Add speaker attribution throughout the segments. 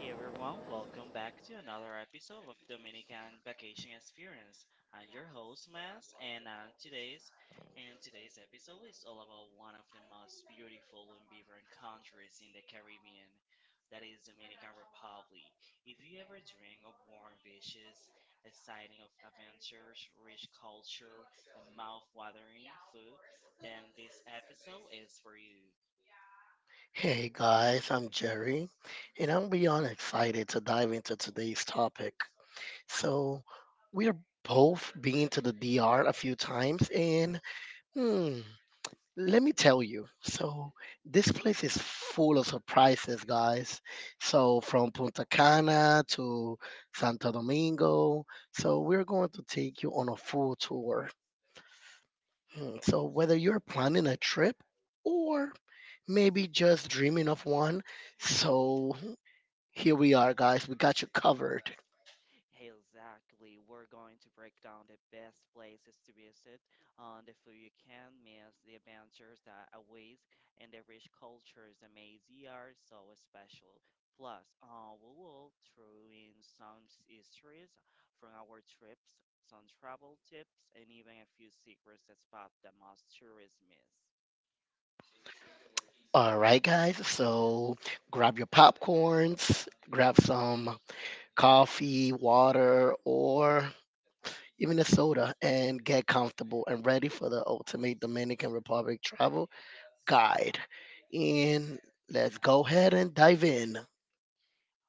Speaker 1: Hey everyone, welcome back to another episode of Dominican Vacation Experience. I'm your host Mas, and today's episode is all about one of the most beautiful and vibrant countries in the Caribbean, that is Dominican Republic. If you ever dream of warm beaches, exciting of adventures, rich culture, and mouth-watering food, then this episode is for you.
Speaker 2: Hey guys, I'm Jerry, and I'm beyond excited to dive into today's topic. So, we're both been to the DR a few times, and hmm, let me tell you. So, this place is full of surprises, guys. So, from Punta Cana to Santo Domingo, we're going to take you on a full tour. Hmm, So, whether you're planning a trip or maybe just dreaming of one, so here we are, guys. We got you covered.
Speaker 1: Exactly. We're going to break down the best places to visit, on the food you can miss, the adventures that await, and the rich cultures that make the art so special. Plus, we will throw in histories from our trips, some travel tips, and even a few secrets that spot the most tourists miss.
Speaker 2: All right, guys. Grab your popcorns, grab some coffee, water, or even a soda, and get comfortable and ready for the ultimate Dominican Republic travel guide. And let's go ahead and dive in.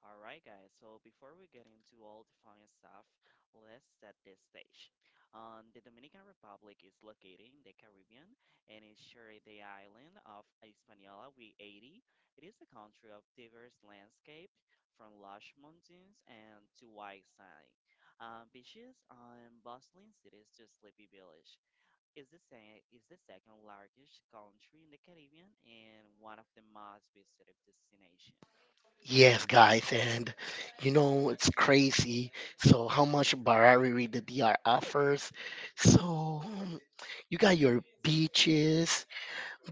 Speaker 1: All right, guys. So before we get into all the fun stuff, let's set this stage. The Dominican Republic is located in the Caribbean and is sharing the island of Hispaniola with Haiti. It is a country of diverse landscape, from lush mountains and to white sand, beaches, and bustling cities to sleepy village. Is the second largest country in the Caribbean and one of the most visited destinations.
Speaker 2: Yes, guys, and you know it's crazy. So how much variety the DR offers. So um, you got your beaches,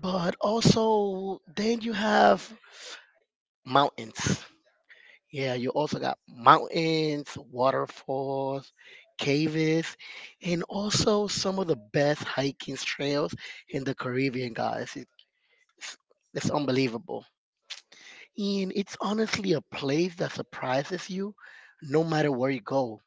Speaker 2: but also, then you have mountains. Yeah, you also got mountains, waterfalls, caves, and also some of the best hiking trails in the Caribbean, guys. It's, it's unbelievable. And it's honestly a place that surprises you no matter where you go.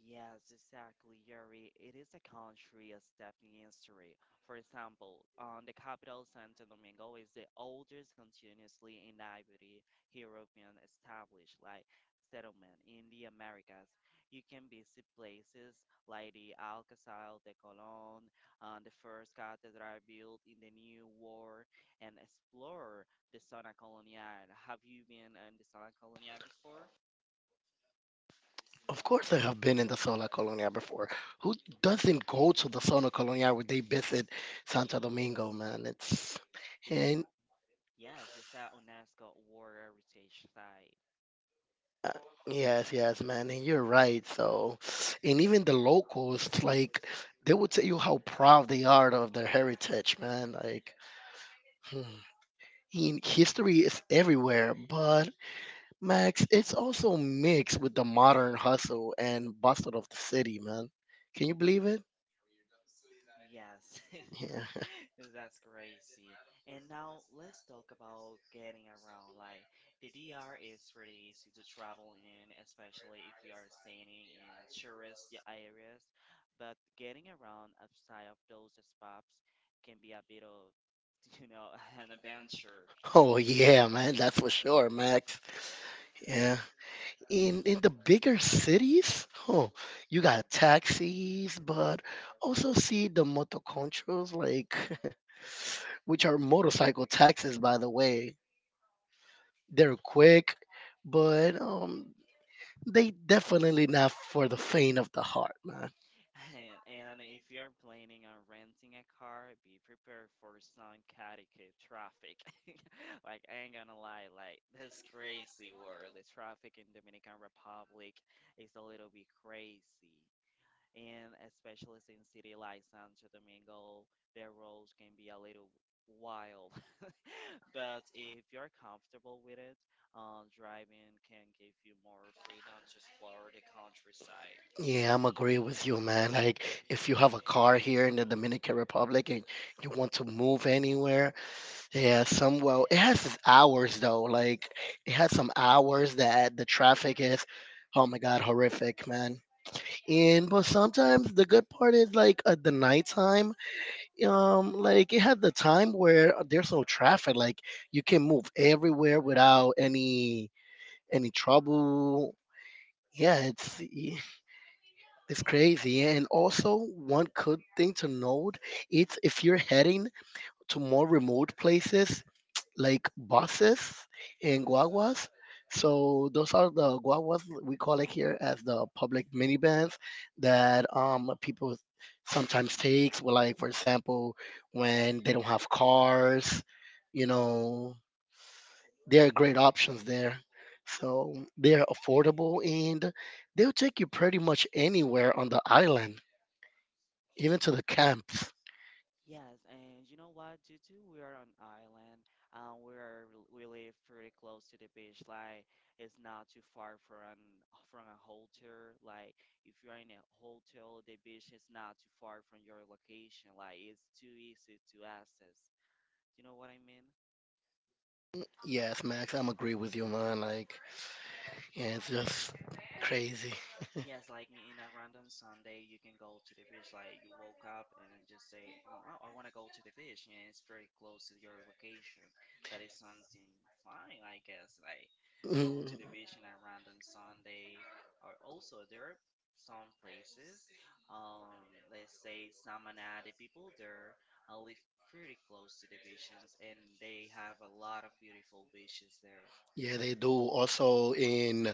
Speaker 1: Yes, exactly, Yuri. It is a country of stepping history. For example, the capital, Santo Domingo, is the oldest continuously inhabited European established like settlement in the Americas. You can visit places like the Alcazar de Colon, the first cathedral built in the New War, and explore the Zona Colonial. Have you been in the Zona Colonial before?
Speaker 2: Of course, I have been in the Sola Colonia before. Who doesn't go to the Sola Colonia when they visit Santo Domingo, man? It's.
Speaker 1: It is.
Speaker 2: And.
Speaker 1: Yes, it's a UNESCO World Heritage Site.
Speaker 2: Uh, Yes, yes, man, and you're right. So, and even the locals, like, they would tell you how proud they are of their heritage, man. Hmm. In history is everywhere, but Max, it's also mixed with the modern hustle and bustle of the city, man. Can you believe it?
Speaker 1: Yes,
Speaker 2: Yeah.
Speaker 1: that's crazy. And now let's talk about getting around. Like the DR is pretty easy to travel in, especially if you are staying in tourist areas. But getting around outside of those spots can be a bit of, you know, an adventure.
Speaker 2: Oh yeah, man, that's for sure, Max. Yeah. In the bigger cities, oh, you got taxis, but also see the motoconchos, like which are motorcycle taxis, by the way. They're quick, but they definitely not for the faint of the heart, man.
Speaker 1: And if you are planning on renting a car, be prepared for some chaotic traffic. Like, I ain't gonna lie, like, this crazy world, the traffic in Dominican Republic is a little bit crazy. And especially in city like Santo Domingo, the roads can be a little wild. But if you're comfortable with it, driving can give you more freedom to explore the countryside.
Speaker 2: Yeah, I'm agree with you, man. Like, if you have a car here in the Dominican Republic and you want to move anywhere, yeah, some well, it has its hours though. Like it has some hours that the traffic is, oh my god, horrific, man. And but sometimes the good part is like at the nighttime, like it had the time where there's no traffic. Like you can move everywhere without any trouble. Yeah, it's crazy. And also one good thing to note, it's if you're heading to more remote places like buses and guaguas. So those are the guaguas we call it here as the public minivans that people sometimes takes. Well, like for example, when they don't have cars, you know, there are great options there. So they're affordable and they'll take you pretty much anywhere on the island, even to the camps.
Speaker 1: Yes, and you know what? Due to we are on island, we live pretty close to the beach. Like it's not too far from a hotel. Like if you're in a hotel, the beach is not too far from your location. Like it's too easy to access. You know what I mean?
Speaker 2: Yes, Max, I'm agree with you, man. Like, yeah, it's just crazy.
Speaker 1: Yes, like in a random Sunday, you can go to the beach. Like you woke up and just say, "Oh, I want to go to the beach," and it's very close to your location. That is something fine, I guess. Like go
Speaker 2: Mm,
Speaker 1: to the beach in a random Sunday, or also there are some places. Let's say Samana, the people there live pretty close to the beaches, and they have a lot of beautiful beaches there.
Speaker 2: yeah, they do. Also in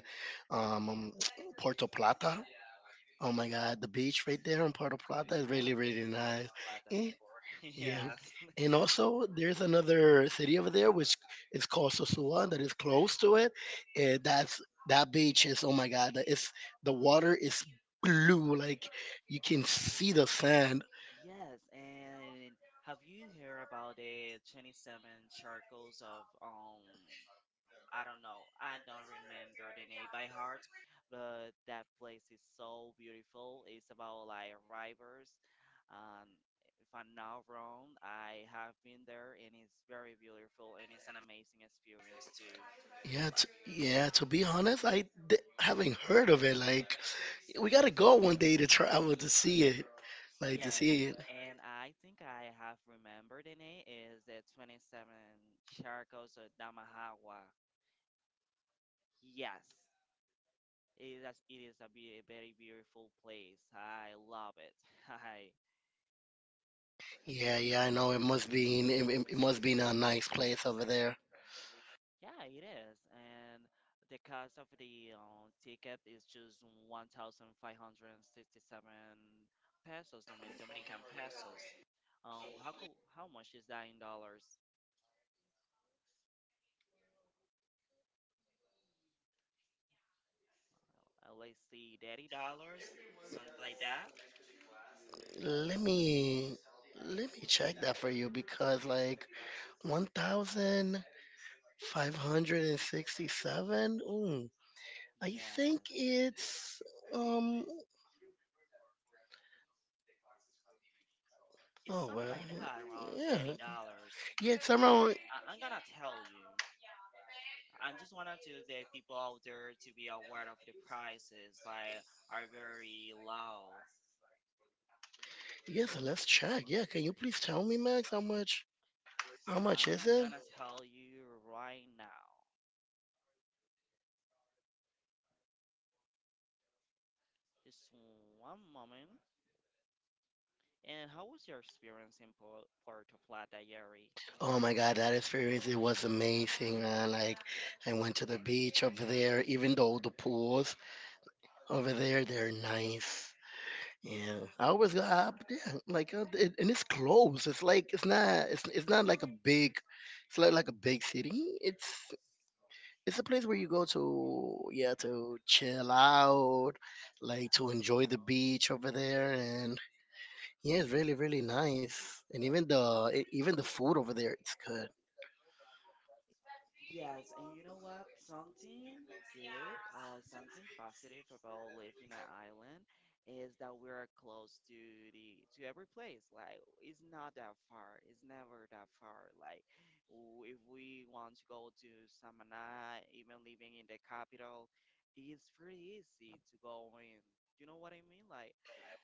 Speaker 2: um, Puerto Plata. Oh my God, the beach right there in Puerto Plata is
Speaker 1: I
Speaker 2: really,
Speaker 1: have been
Speaker 2: really
Speaker 1: in Puerto
Speaker 2: nice.
Speaker 1: Plata
Speaker 2: Eh,
Speaker 1: before.
Speaker 2: yeah.
Speaker 1: Yeah.
Speaker 2: And also, there's another city over there which is called Sosua that is close to it. And that beach is oh my God, that it's the water is blue like you can see the sand.
Speaker 1: Yes, and have you heard about the 27 circles of I don't know, I don't remember the name by heart, but that place is so beautiful. It's about like rivers. Um, if I'm not wrong, I have been there and it's very beautiful and it's an amazing experience too. Like,
Speaker 2: Yeah. To be honest, I haven't heard of it. Like, we gotta go one day to travel to see it. Like to
Speaker 1: yes,
Speaker 2: see it.
Speaker 1: and I think I have remembered the name is the 27 circles of Damahagua. Yes, it is. It is a, a very beautiful place. I love it. I
Speaker 2: Yeah, yeah. I know it must be. It, it must be in a nice place over there.
Speaker 1: yeah, it is. And the cost of the ticket is just 1,567 pesos, Dominican pesos. How cool, how much is that in dollars? Let's see, $30, something like that.
Speaker 2: Let me Let me check that for you because like 1,567. Ooh, I think
Speaker 1: Yes.
Speaker 2: it's um.
Speaker 1: It's
Speaker 2: Oh
Speaker 1: something
Speaker 2: well,
Speaker 1: like that, around
Speaker 2: yeah,
Speaker 1: $30.
Speaker 2: yeah. It's around.
Speaker 1: I- I'm gonna tell you. I just want to tell the people out there to be aware of the prices, like are very low.
Speaker 2: Yes, let's check. Yeah, can you please tell me, Max, how much? How much is
Speaker 1: I'm
Speaker 2: it?
Speaker 1: gonna tell you right now. Just one moment. And how was your experience in Puerto Plata, Yeri?
Speaker 2: Oh my God, that experience, it was amazing, man. Like, I went to the beach over there, even though the pools over there, they're nice. Yeah, I always go up, yeah, like, and it's close. It's not like a big, it's not like a big city. It's, it's, a place where you go to, yeah, to chill out, like to enjoy the beach over there. And yeah, it's really, really nice. And even the food over there, it's good.
Speaker 1: Yes, and you know what? Something good or something positive about living on an island is that we are close to the to every place. Like it's not that far. It's never that far. Like if we want to go to Samana, even living in the capital, it's pretty easy to go in. You know what I mean? Like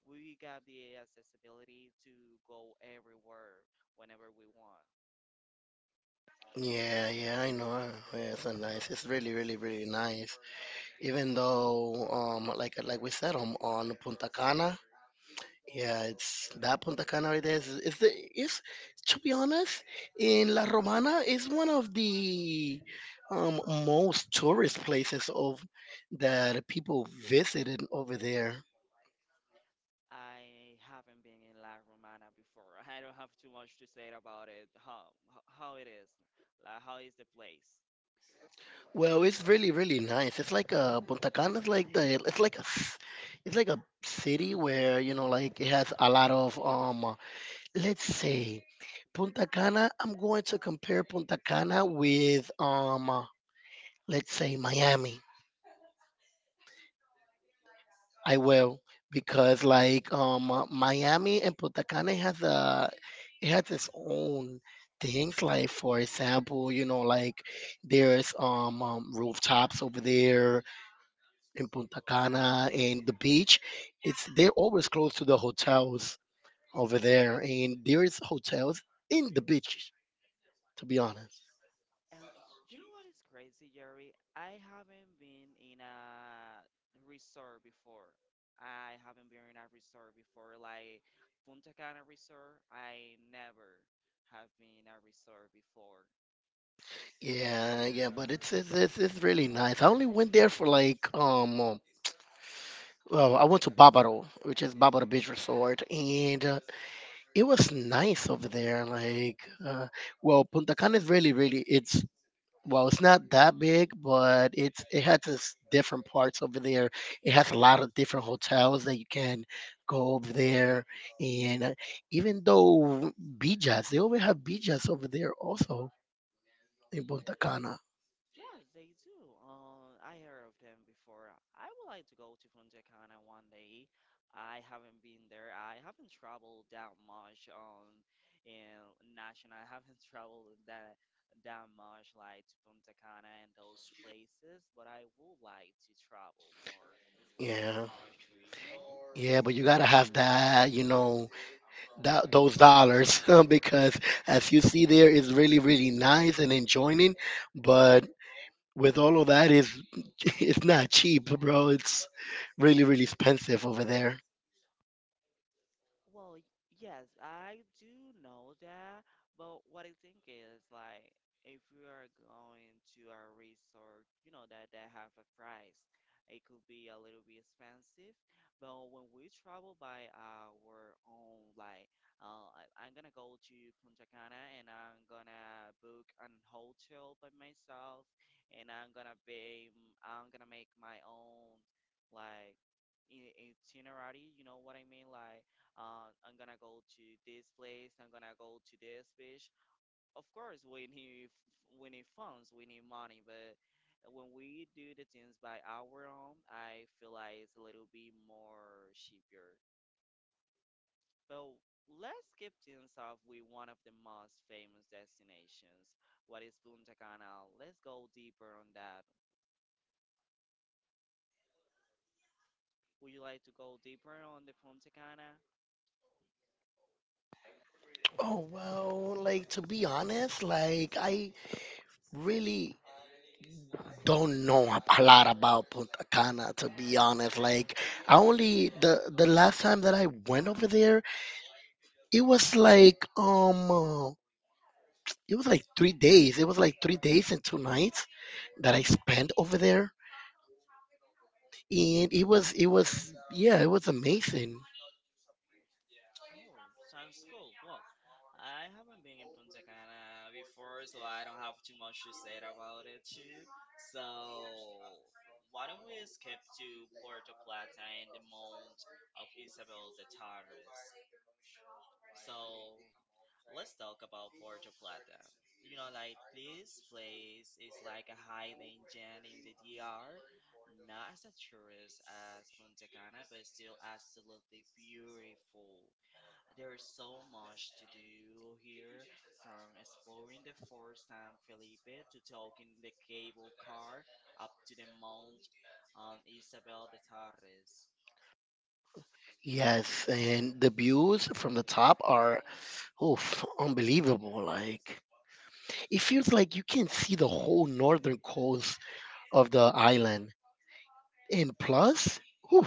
Speaker 1: we got the accessibility to go everywhere whenever we want.
Speaker 2: Yeah, yeah, I know. Yeah, it's not nice. It's really, really, really nice. Even though, like we said, on Punta Cana, yeah, it's that Punta Cana right there. Is the is To be honest, in La Romana is one of the um most tourist places of that people visited over there.
Speaker 1: I haven't been in La Romana before. I don't have too much to say about it. How how it is, like how is the place?
Speaker 2: Well, it's really, really nice. It's like a Punta Cana is like the it's like a s- it's like a city where you know like it has a lot of let's say Punta Cana. I'm going to compare Punta Cana with let's say Miami. I will because like Miami and Punta Cana has a it has its own things like for example you know like there's rooftops over there in Punta Cana and the beach, it's they're always close to the hotels over there, and there is hotels in the beach. To be honest,
Speaker 1: Uh, you know what is crazy, Jerry? I haven't been in a resort before. I haven't been in a resort before, like Punta Cana Resort. I never have been in a resort before.
Speaker 2: yeah, yeah, but it's really nice. I only went there for like well, I went to Bávaro, which is Bávaro Beach Resort, and it was nice over there. Like, well, Punta Cana is really, really it's Well, it's not that big, but it's it has its different parts over there. It has a lot of different hotels that you can go over there, and even though beaches, they always have beaches over there also in Punta Cana.
Speaker 1: Yes, they do. I heard of them before. I would like to go to Punta Cana one day. I haven't been there. I haven't traveled that much in national. I haven't traveled that much like to Punta Cana and those places, but I would like to travel more within the
Speaker 2: Yeah,
Speaker 1: country, you know?
Speaker 2: yeah, but you gotta have that, you know, that those dollars because as you see there, it's really really nice and enjoying, but with all of that, is it's not cheap, bro. It's really really expensive over there.
Speaker 1: Well, yes, I do know that, but what I think is like if we are going to a resort, you know that that have a price, it could be a little bit expensive. But when we travel by our own, like I'm gonna go to Punta Cana and I'm gonna book an hotel by myself, and I'm gonna pay, I'm gonna make my own like itinerary, you know what I mean? Like I'm gonna go to this place, I'm gonna go to this beach. Of course we need we need funds, we need money, but when we do the things by our own, I feel like it's a little bit more cheaper. But let's keep things off with one of the most famous destinations. What is Punta Cana? Let's go deeper on that. Would you like to go deeper on the Punta Cana?
Speaker 2: Oh, well, like to be honest, like I really don't know a a lot about Punta Cana to be honest. Like I only the last time that I went over there, it was like um uh, it was like 3 days. It was like 3 days and 2 nights that I spent over there and it was yeah, it was amazing.
Speaker 1: Oh, sounds cool. Well, I haven't been in Punta Cana before, so I don't have too much to say about it too. So why don't we skip to Puerto Plata and the Mount of Isabel de Torres? So let's talk about Puerto Plata. You know, like this place is like a hidden gem in the DR, not as a tourist as Punta Cana, but still absolutely beautiful. There's so much to do here, from exploring the forest San Felipe to taking the cable car up to the Mount Isabel de Torres.
Speaker 2: Yes, and the views from the top are oof, unbelievable like it feels like you can see the whole northern coast of the island. And plus, whew,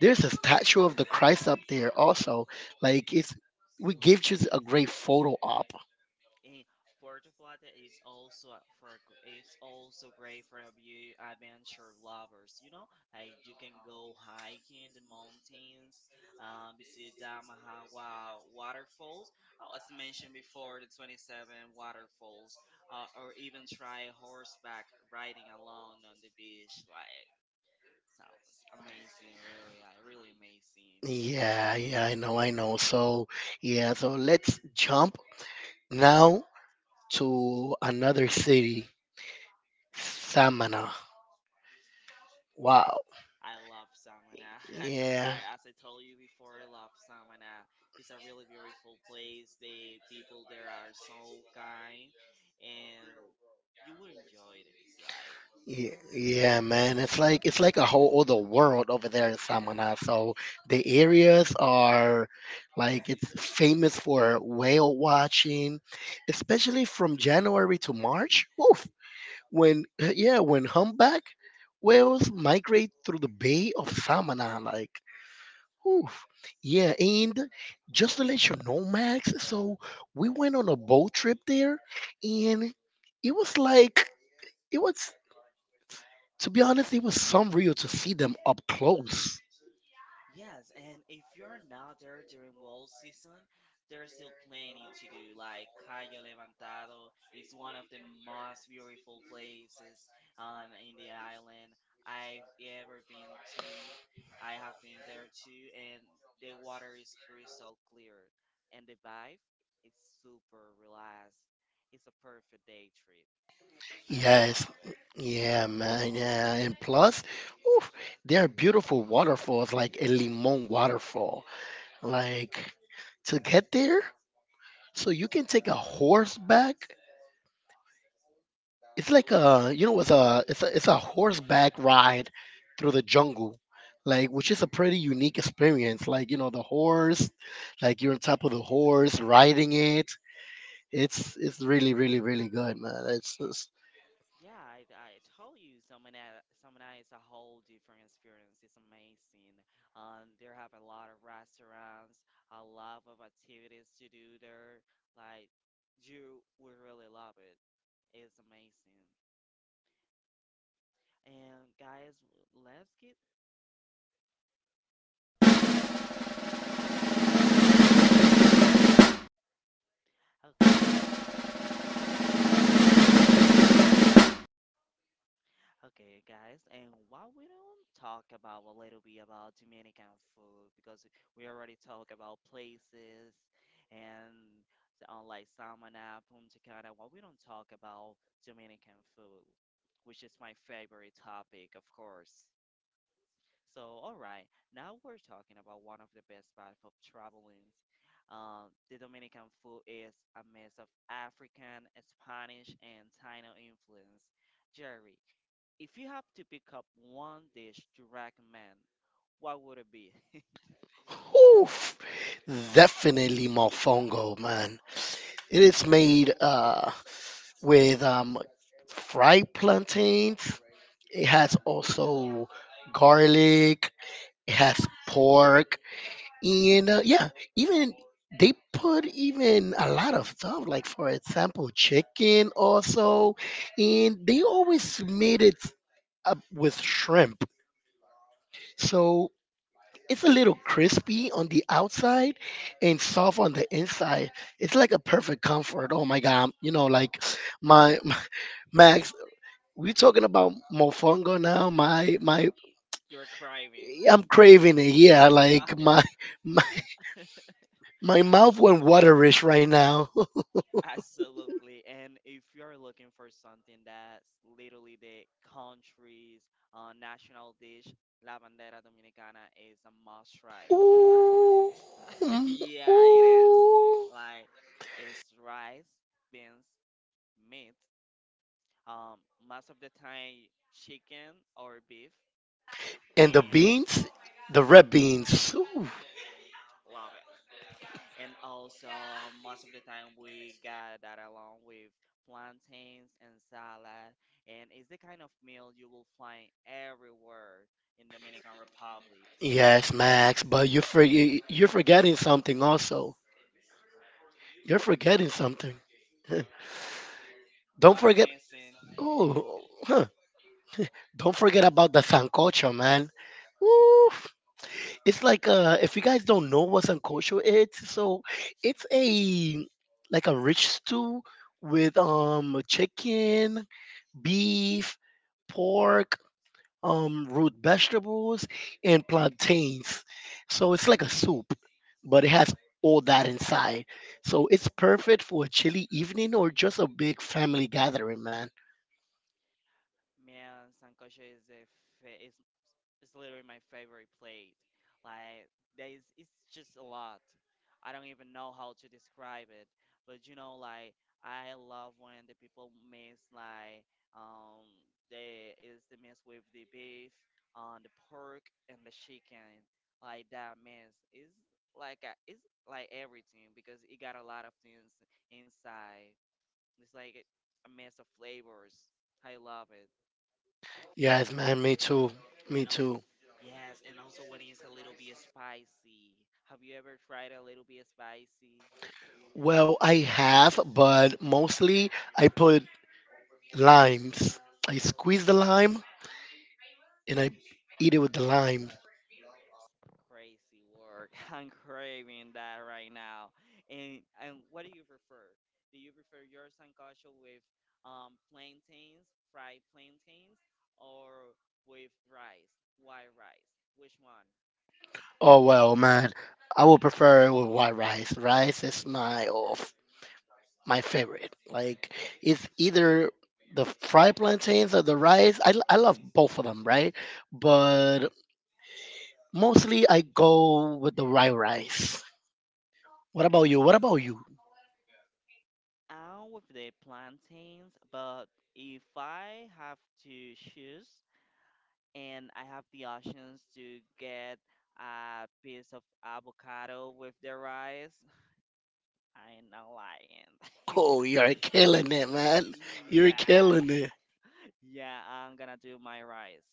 Speaker 2: there's a statue of the Christ up there also. Like it's we gives you a great photo op.
Speaker 1: And Puerto Plata is also a- for a gr- is also great for a view adventure lovers. You know, like you can go hiking the mountains, visit Damahagua waterfalls. Oh, as I mentioned before, the 27 waterfalls, or even try horseback riding alone on the beach. Like sounds amazing, really, really amazing.
Speaker 2: Yeah, yeah, I know, I know. So yeah, so let's jump now to another city, Samana. Wow.
Speaker 1: I love Samana.
Speaker 2: Yeah.
Speaker 1: I, as I told you before, I love Samana. It's a really beautiful place. The people there are so kind, and you will enjoy it. Like
Speaker 2: Yeah, man. It's like a whole other world over there in Samana. So the areas are like it's famous for whale watching, especially from January to March. Oof. When humpback whales migrate through the Bay of Samana, like oof. Yeah, and just to let you know, Max, so we went on a boat trip there and it was like it was to be honest, it was surreal to see them up close.
Speaker 1: yes, and if you're not there during wall season, there's still plenty to do. Like Cayo Levantado is one of the most beautiful places on in the island I've ever been to. I have been there too, and the water is crystal clear, and the vibe is super relaxed. It's a perfect day trip. I
Speaker 2: Yes,
Speaker 1: love it.
Speaker 2: yeah, man, yeah, and plus, oof, there are beautiful waterfalls like El Limon waterfall. Like to get there, so you can take a horseback. It's like a you know, it's a it's a It's a horseback ride through the jungle, like which is a pretty unique experience. Like you know, the horse, like you're on top of the horse, riding it. It's really really really good, man. It's
Speaker 1: Yeah, I told you, Samana is a whole different experience. It's amazing. There have a lot of restaurants, a lot of activities to do there. Like, you will really love it. It's amazing. And guys, let's get okay, guys. Eh, Okay, guys, and why we don't talk about a little bit about Dominican food because we already talk about places and like Samana, Punta Cana. Why we don't talk about Dominican food, which is my favorite topic, of course. So, all right, now we're talking about one of the best parts of traveling. The Dominican food is a mix of African, Spanish, and Taino influence. Jerry, if you have to pick up one dish to recommend, what would it be?
Speaker 2: Oof, definitely mofongo, man. It is made with fried plantains. It has also garlic. It has pork, and yeah, even they put even a lot of stuff, like for example, chicken also, and they always made it up with shrimp. So it's a little crispy on the outside and soft on the inside. It's like a perfect comfort. Oh my god, you know, like my My Max, we talking about mofongo now.
Speaker 1: You're crying.
Speaker 2: I'm craving it. Yeah, like my my, my mouth went waterish right now.
Speaker 1: Absolutely. And if you're looking for something that's literally the country's national dish, La Bandera Dominicana is a must try.
Speaker 2: Ooh, mm,
Speaker 1: Yeah, it is.
Speaker 2: ooh.
Speaker 1: Like it's rice, beans, meat. Most of the time chicken or beef,
Speaker 2: And the
Speaker 1: and
Speaker 2: beans, the red beans. Ooh.
Speaker 1: love it. And also most of the time we got that along with plantains and salad. And it's the kind of meal you will find everywhere in Dominican Republic.
Speaker 2: Yes, Max, but you're forgetting something also. You're forgetting something. Don't
Speaker 1: What I'm
Speaker 2: forget.
Speaker 1: missing,
Speaker 2: Oh, huh. Don't forget about the sancocho, man. Woof. It's like if you guys don't know what sancocho is, so it's a like a rich stew with chicken, beef, pork, root vegetables, and plantains. So it's like a soup, but it has all that inside. So it's perfect for a chilly evening or just a big family gathering, man.
Speaker 1: man, sancocho is fa- is It's literally my favorite plate. Like there is, it's just a lot. I don't even know how to describe it. But like I love when the people mix like um they is the mix with the beef, the pork and the chicken. Like that mix is it's like everything because it got a lot of things inside. It's like a mess of flavors. I love it.
Speaker 2: Yes, man, me too. Me
Speaker 1: And also,
Speaker 2: too.
Speaker 1: yes, and also when it's a little bit spicy. Have you ever tried a little bit spicy?
Speaker 2: Well, I have, but mostly I put limes. I squeeze the lime and I eat it with the lime.
Speaker 1: Crazy work. I'm craving that right now. And what do you prefer? Do you prefer your sancocho with plantains, fried plantains, or with rice, white rice? Which one?
Speaker 2: Oh well, man. I would prefer it with white rice. Rice is my favorite. Like it's either the fried plantains or the rice. I love both of them, right? But mostly I go with the white rice. What about
Speaker 1: Okay,
Speaker 2: you? What about you?
Speaker 1: I'm with the plantains, but if I have to choose, and I have the options to get a piece of avocado with the rice, I ain't not lying.
Speaker 2: Oh, you're killing it, man. You're killing
Speaker 1: yeah,
Speaker 2: it.
Speaker 1: yeah, I'm gonna do my rice.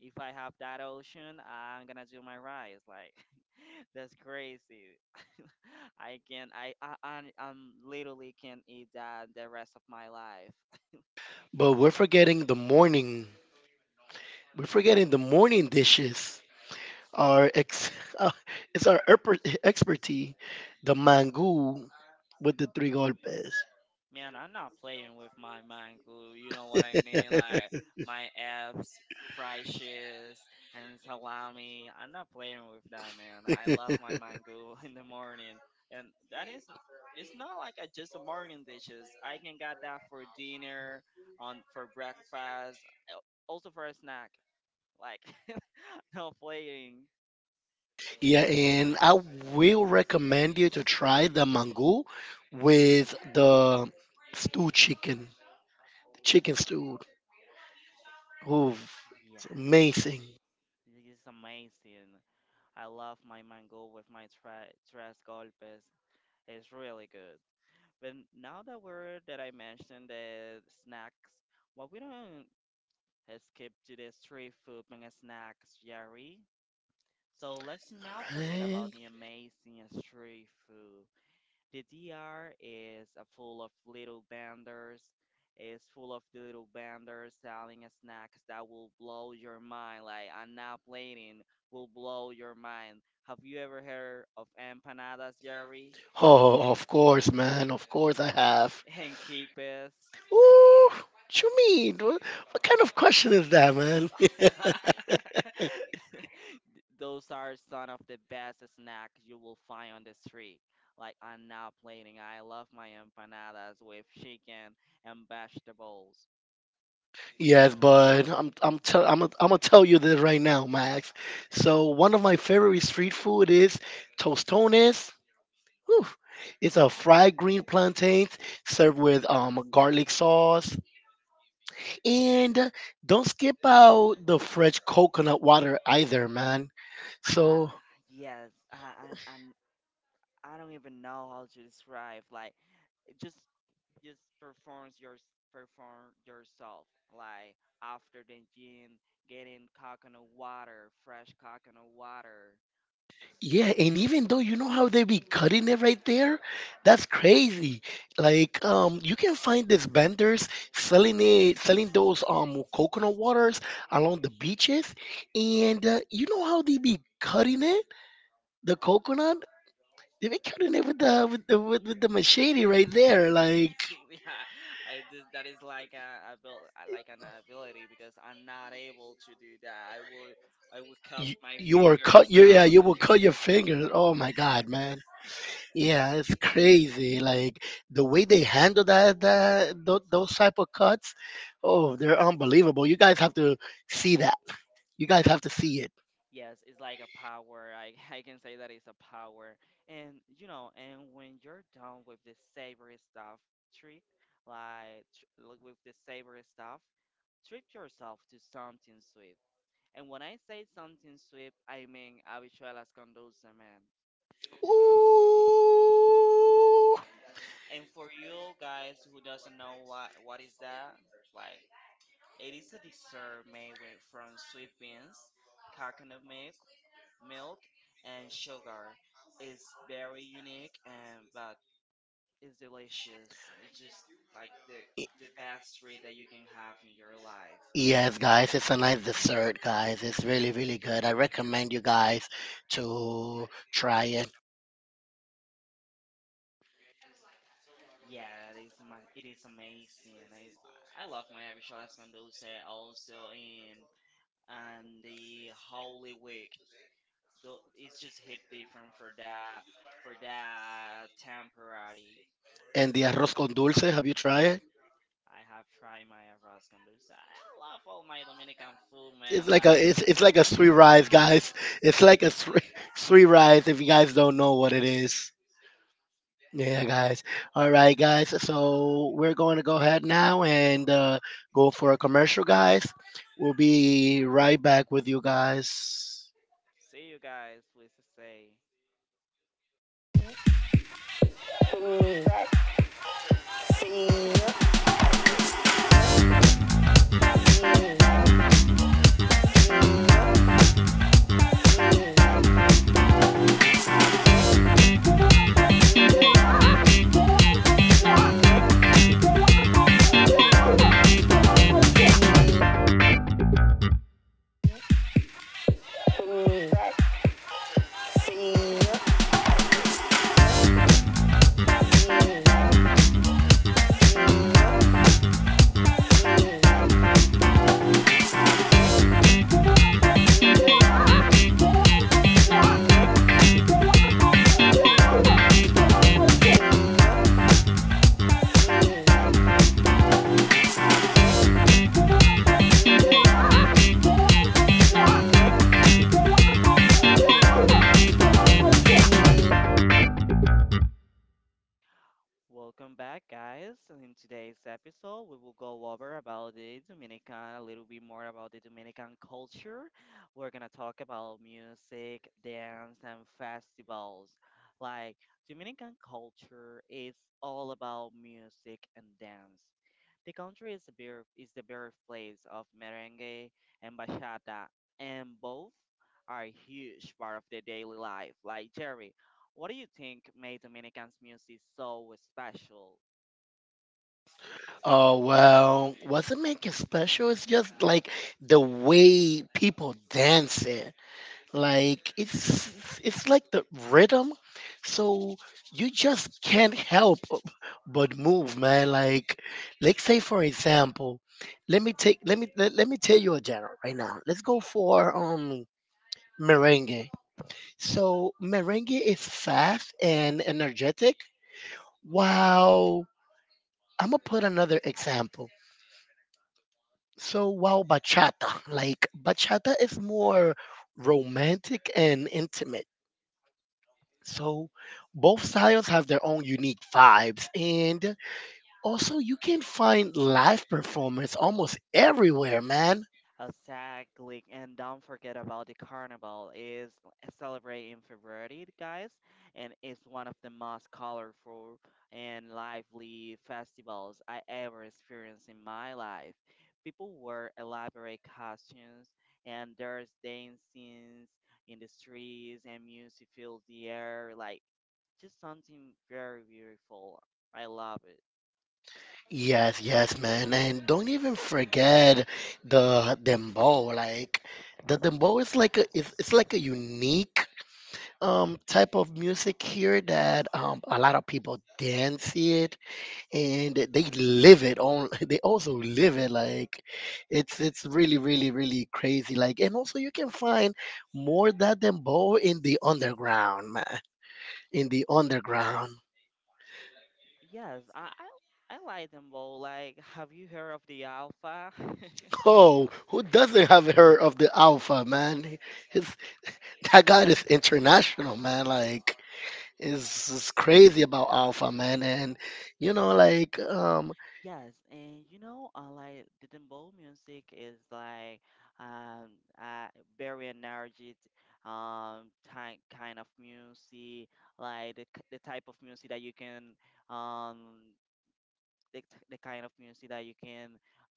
Speaker 1: If I have that option, I'm gonna do my rice. Like, that's crazy. I can, I, I'm literally can eat that the rest of my life.
Speaker 2: But we're forgetting the morning. We're forgetting the morning dishes. Our ex, uh, it's our expertise, the mango with the three golpes.
Speaker 1: Man, I'm not playing with my mind glue. You know what I mean? Like my abs, fried shish, and salami. I'm not playing with that, man. I love my mango in the morning, and that isn't. It's not like I just a morning dishes. I can get that for dinner, on for breakfast, also for a snack. Like no playing.
Speaker 2: Yeah, and I will recommend you to try the mango with the stew chicken, chicken stew. Ooh, it's
Speaker 1: Yes,
Speaker 2: amazing,
Speaker 1: it is amazing. I love my mango with my tres golpes. It's really good. But now the word that I mentioned the snacks, well, we don't skip to the street food and snacks, Jerry. So let's not forget about
Speaker 2: right?
Speaker 1: the amazing street food. The DR is full of little vendors. Is full of the little vendors selling snacks that will blow your mind. Like I'm not playing, will blow your mind. Have you ever heard of empanadas, Jerry?
Speaker 2: Oh, of course, man. Of course, I have.
Speaker 1: And quipes?
Speaker 2: Ooh, what you mean? What kind of question is that, man?
Speaker 1: Those are some of the best snacks you will find on the street. Like I'm now plating. I love my empanadas with chicken and vegetables.
Speaker 2: Yes,
Speaker 1: Right.
Speaker 2: but I'm gonna tell you this right now, Max. So one of my favorite street food is tostones. Whew. It's a fried green plantain served with garlic sauce. And don't skip out the fresh coconut water either, man.
Speaker 1: Uh,
Speaker 2: So
Speaker 1: yes, and I don't even know how to describe. Like, it just performs your perform yourself. Like after the gym, getting fresh coconut water,
Speaker 2: yeah, and even though you know how they be cutting it right there, that's crazy. Like, you can find these vendors selling it, selling those coconut waters along the beaches, and you know how they be cutting it, the coconut. They be cutting it with the with the machete right there. Like,
Speaker 1: yeah, that is like like an ability because I'm not able to do that. I would cut
Speaker 2: you,
Speaker 1: my
Speaker 2: you were
Speaker 1: fingers
Speaker 2: cut You yeah,
Speaker 1: out.
Speaker 2: you will cut your finger. Oh my God, man. Yeah, it's crazy. Like the way they handle those type of cuts, oh, they're unbelievable. You guys have to see that. You
Speaker 1: It's
Speaker 2: guys have to see it.
Speaker 1: yes, it's like a power. I I can say that it's a power. And you know, and when you're done with the savory stuff, treat like tr- like with the savory stuff, treat yourself to something sweet. And when I say something sweet, I mean habichuelas con dulce.
Speaker 2: Ooh.
Speaker 1: And for you guys who doesn't know what is that, like it is a dessert made from sweet beans, coconut milk, milk, and sugar. It's very unique and but it's delicious. It's just like the best treat that you can have in your life.
Speaker 2: Yes, guys, it's a nice dessert, guys. It's really, really good. I recommend you guys to try it.
Speaker 1: Yeah, it is it is amazing. I love my Abishala's Dulce also in and the Holy Week. It's just hit different for that temporary.
Speaker 2: And the arroz con dulce, have you tried it?
Speaker 1: I have tried my arroz con dulce. I love all my Dominican food, man. Like,
Speaker 2: It's like a sweet rice, guys. It's like a three, three rides if you guys don't know what it is. Yeah, guys. All right, guys. So we're going to go ahead now and go for a commercial, guys. We'll be right back with you guys.
Speaker 1: see you guys. Please stay. Welcome back, guys. In today's episode, we will go over about the Dominican, a little bit more about the Dominican culture. We're gonna talk about music, dance, and festivals. Like Dominican culture is all about music and dance. The country is the bear is the birthplace of merengue and bachata, and both are a huge part of their daily life. Like Jerry, what do you think made Dominican's music so special?
Speaker 2: Oh, well, what's it make it special? It's just like the way people dance it. Like it's like the rhythm, so you just can't help but move, man. Like say, for example, let me take let me let, let me tell you a genre right now. Let's go for merengue. So merengue is fast and energetic. Wow, I'm gonna put another example. So while bachata is more romantic and intimate. So both styles have their own unique vibes. And also, you can find live performance almost everywhere, man.
Speaker 1: Exactly, and don't forget about the carnival is celebrated in February, guys, and it's one of the most colorful and lively festivals I ever experienced in my life. People wear elaborate costumes, and there's dancing in the streets, and music fills the air, like just something very beautiful. I love it.
Speaker 2: Yes, yes, man. And don't even forget the dembow. Like the dembow is like it's like a unique type of music here that a lot of people dance it, and they live it on. They also live it like it's really really really crazy, like, and also you can find more that than bow in the underground, man. In the underground.
Speaker 1: Yes, I like them both. Like, have you heard of the Alpha?
Speaker 2: Oh, who doesn't have heard of the alpha, man? His, that guy is international, man. Like is crazy about alpha, man. And you know, like,
Speaker 1: Yes, and you know, like the dembow music is like um uh very energetic type kind of music, like the type of music that you can um the kind of music that you can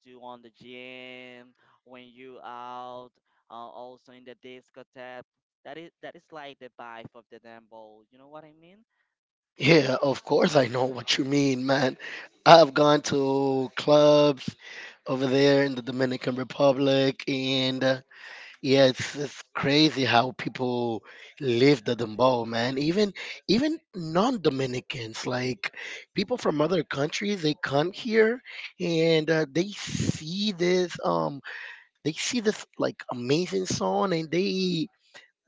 Speaker 1: do on the gym when you out, also in the discotheque. That is like the vibe of the dembow. You know what I mean?
Speaker 2: yeah, of course I know what you mean, man. I've gone to clubs over there in the Dominican Republic, and yeah, it's crazy how people live the dembow, man. Even even non-Dominicans, like people from other countries, they come here, and they see this like amazing song, and they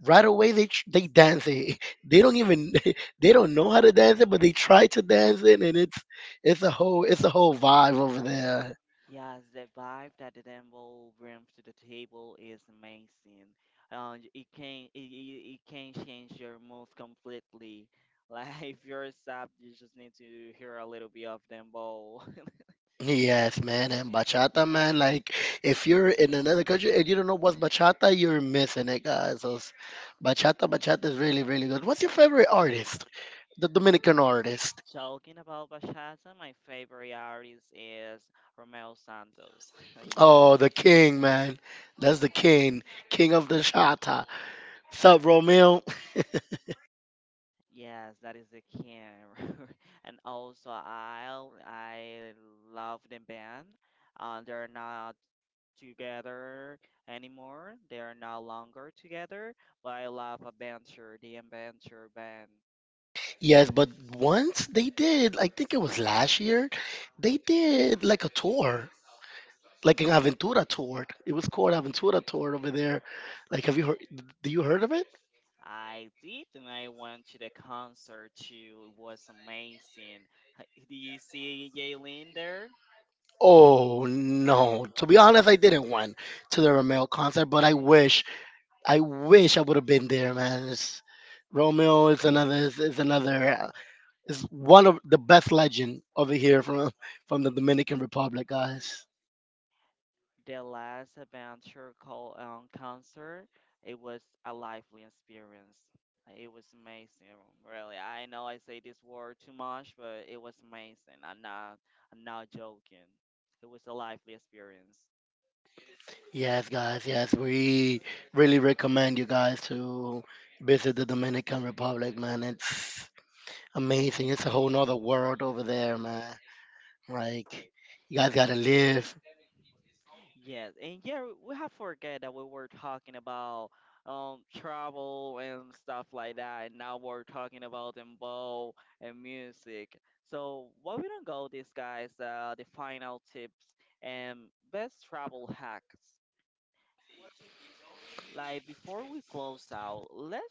Speaker 2: right away they dance it. They don't even they don't know how to dance it, but they try to dance it, and it's it's a whole vibe over there.
Speaker 1: Yes, the vibe that the Dembo brings to the table is amazing. It can change your mood completely. Like if you're sad, you just need to hear a little bit of Dembo.
Speaker 2: Yes, man, and bachata, man. Like if you're in another country and you don't know what's bachata, you're missing it, guys. Bachata, bachata is really really good. What's your favorite artist? The Dominican artist.
Speaker 1: Talking about bachata, my favorite artist is Romeo Santos. Yeah.
Speaker 2: Oh, the king, man. That's the king, king of the chata. Sup, Romeo?
Speaker 1: Yes, that is the can. And also I love the band. They're not together anymore. They are no longer together, but I love Adventure, the Adventure band.
Speaker 2: Yes, but once they did, I think it was last year, they did like a tour, like an Aventura tour. It was called Aventura tour over there. Like, have you heard? Do you heard of it?
Speaker 1: I did, and I went to the concert too. It was amazing. Do you see Jaylin there?
Speaker 2: Oh no! To be honest, I didn't went to the Romeo concert, but I wish, I wish I would have been there, man. It's, Romeo is is another, is one of the best legend over here from the Dominican Republic, guys.
Speaker 1: The last adventure called concert, it was a lively experience. It was amazing, really. I know I say this word too much, but it was amazing. I'm not joking. It was a lively experience.
Speaker 2: Yes, guys. Yes, we really recommend you guys to visit the Dominican Republic, man. It's amazing. It's a whole nother world over there, man. Like, you guys gotta live.
Speaker 1: Yes, and yeah, we have forget that we were talking about travel and stuff like that, and now we're talking about dembow and music. So why we don't go these guys the final tips and best travel hacks. Like before we close out, let's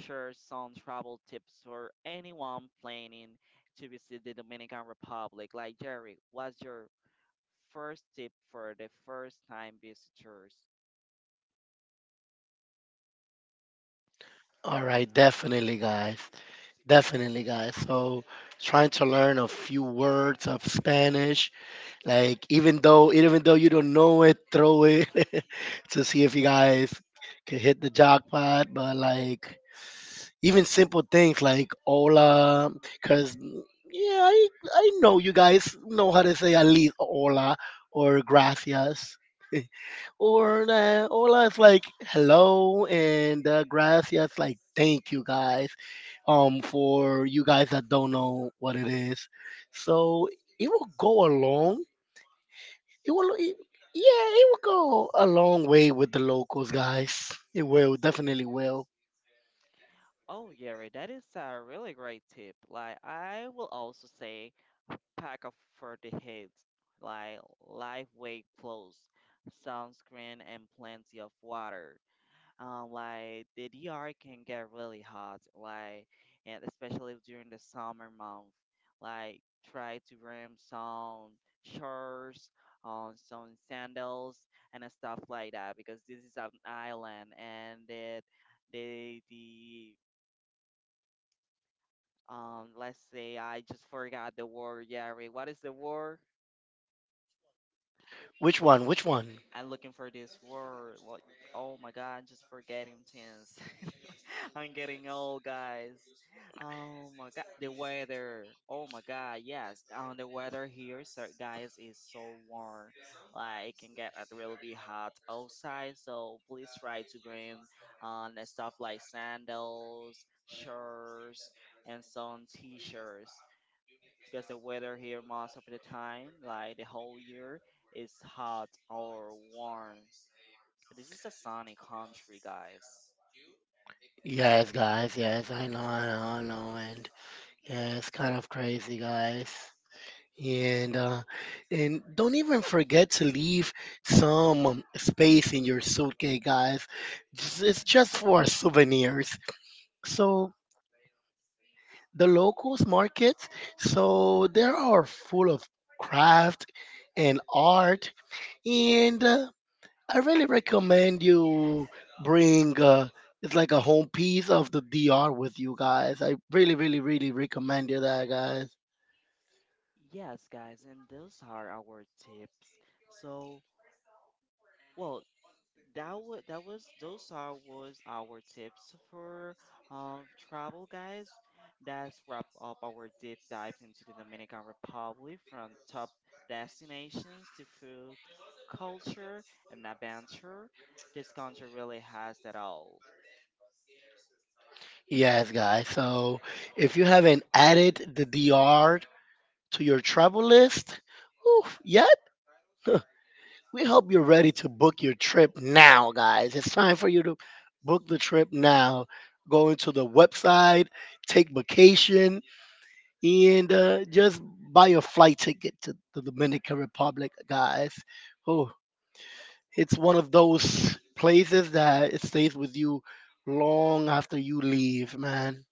Speaker 1: share some travel tips for anyone planning to visit the Dominican Republic. Like Jerry, what's your first tip for the first time visitors?
Speaker 2: All right, definitely, guys. Definitely, guys. So, trying to learn a few words of Spanish. Like, even though you don't know it, throw it to see if you guys can hit the jackpot. But like, even simple things like hola, because yeah I know you guys know how to say at least hola or gracias, or hola is like hello, and gracias like thank you, guys, for you guys that don't know what it is. So it will go along. it will it, yeah, it will go a long way with the locals, guys. It will definitely will.
Speaker 1: Oh, Yeri, that is a really great tip. Like, I will also say pack up for the heat, like lightweight clothes, sunscreen, and plenty of water. Like the DR can get really hot, like, and especially during the summer month. Like, try to bring some shorts, some sandals, and stuff like that because this is an island and it, the let's say I just forgot the word, Yari. What is the word?
Speaker 2: Which one, which one?
Speaker 1: I'm looking for this word. What? Oh my God, just forgetting things. I'm getting old, guys. Oh my God, the weather. Oh my God, yes. The weather here, so guys, is so warm. Like it can get a really be hot outside. So please try to bring stuff like sandals, shirts, and some t-shirts because the weather here most of the time, like the whole year, is hot or warm. This is a sunny country, guys.
Speaker 2: Yes, guys. Yes, I know, I know, I know. And yeah, it's kind of crazy, guys. And uh, and don't even forget to leave some space in your suitcase, guys. Just, it's just for souvenirs. So the locals markets, so they are full of craft and art, and I really recommend you bring it's like a home piece of the DR with you guys. I really, really, really recommend you that, guys.
Speaker 1: Yes, guys, and those are our tips. So, well, that was those are was our tips for travel guys. That's wrap up our deep dive into the Dominican Republic from top destinations to food, culture, and adventure. This country really has it all.
Speaker 2: Yes, guys. So if you haven't added the DR to your travel list, oof, yet, we hope you're ready to book your trip now, guys. It's time for you to book the trip now. Go into the website, take vacation, and just buy a flight ticket to the Dominican Republic, guys. Oh, it's one of those places that it stays with you long after you leave, man.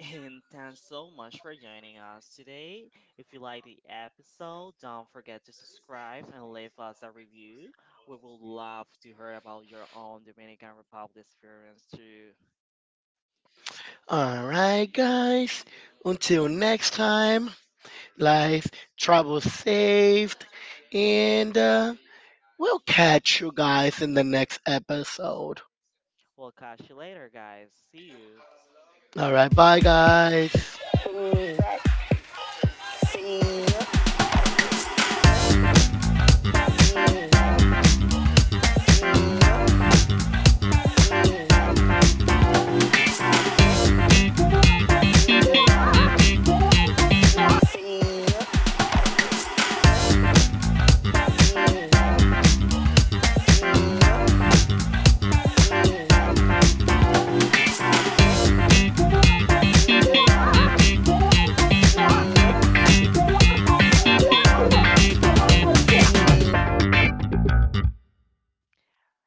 Speaker 1: And thanks so much for joining us today. If you like the episode, don't forget to subscribe and leave us a review. We would love to hear about your own Dominican Republic experience too.
Speaker 2: All right, guys. Until next time, guys, travel safe, and we'll catch you guys in the next episode.
Speaker 1: We'll catch you later, guys. See you.
Speaker 2: All right, bye, guys.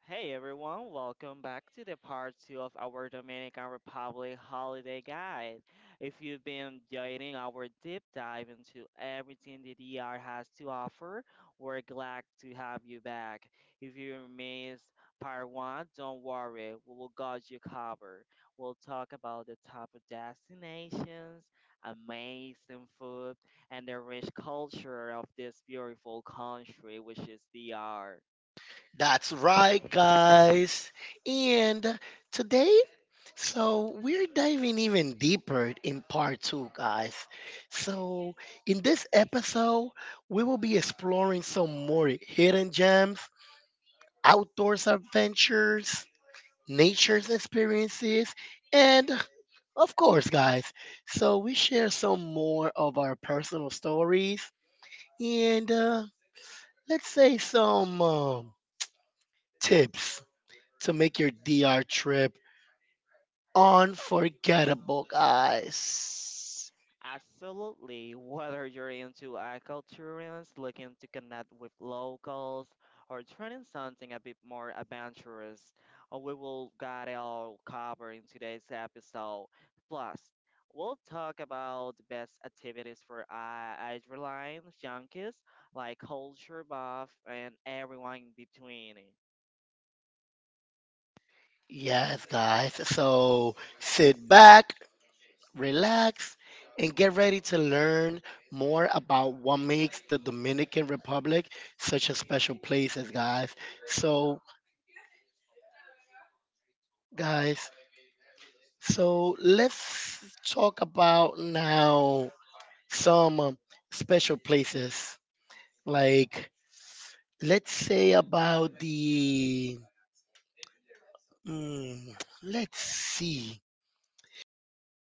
Speaker 1: Hey everyone, welcome back to the part two of our Dominican Republic holiday guide. If you've been enjoying our deep dive into everything the DR has to offer, we're glad to have you back. If you missed part one, don't worry, we will got you covered. We'll talk about the top of destinations, amazing food, and the rich culture of this beautiful country, which is DR.
Speaker 2: That's right, guys. And today, so we're diving even deeper in part two, guys. So, in this episode, we will be exploring some more hidden gems, outdoors adventures, nature's experiences, and of course, guys. So, we share some more of our personal stories and let's say some tips to make your DR trip unforgettable, guys.
Speaker 1: Absolutely. Whether you're into agriculturians looking to connect with locals or trying something a bit more adventurous, we will got it all covered in today's episode. Plus, we'll talk about the best activities for adrenaline junkies like culture buff and everyone in between.
Speaker 2: Yes, guys. So sit back, relax, and get ready to learn more about what makes the Dominican Republic such a special place, as guys. So, guys, so let's talk about now some special places. Like, let's say about the mm, let's see. So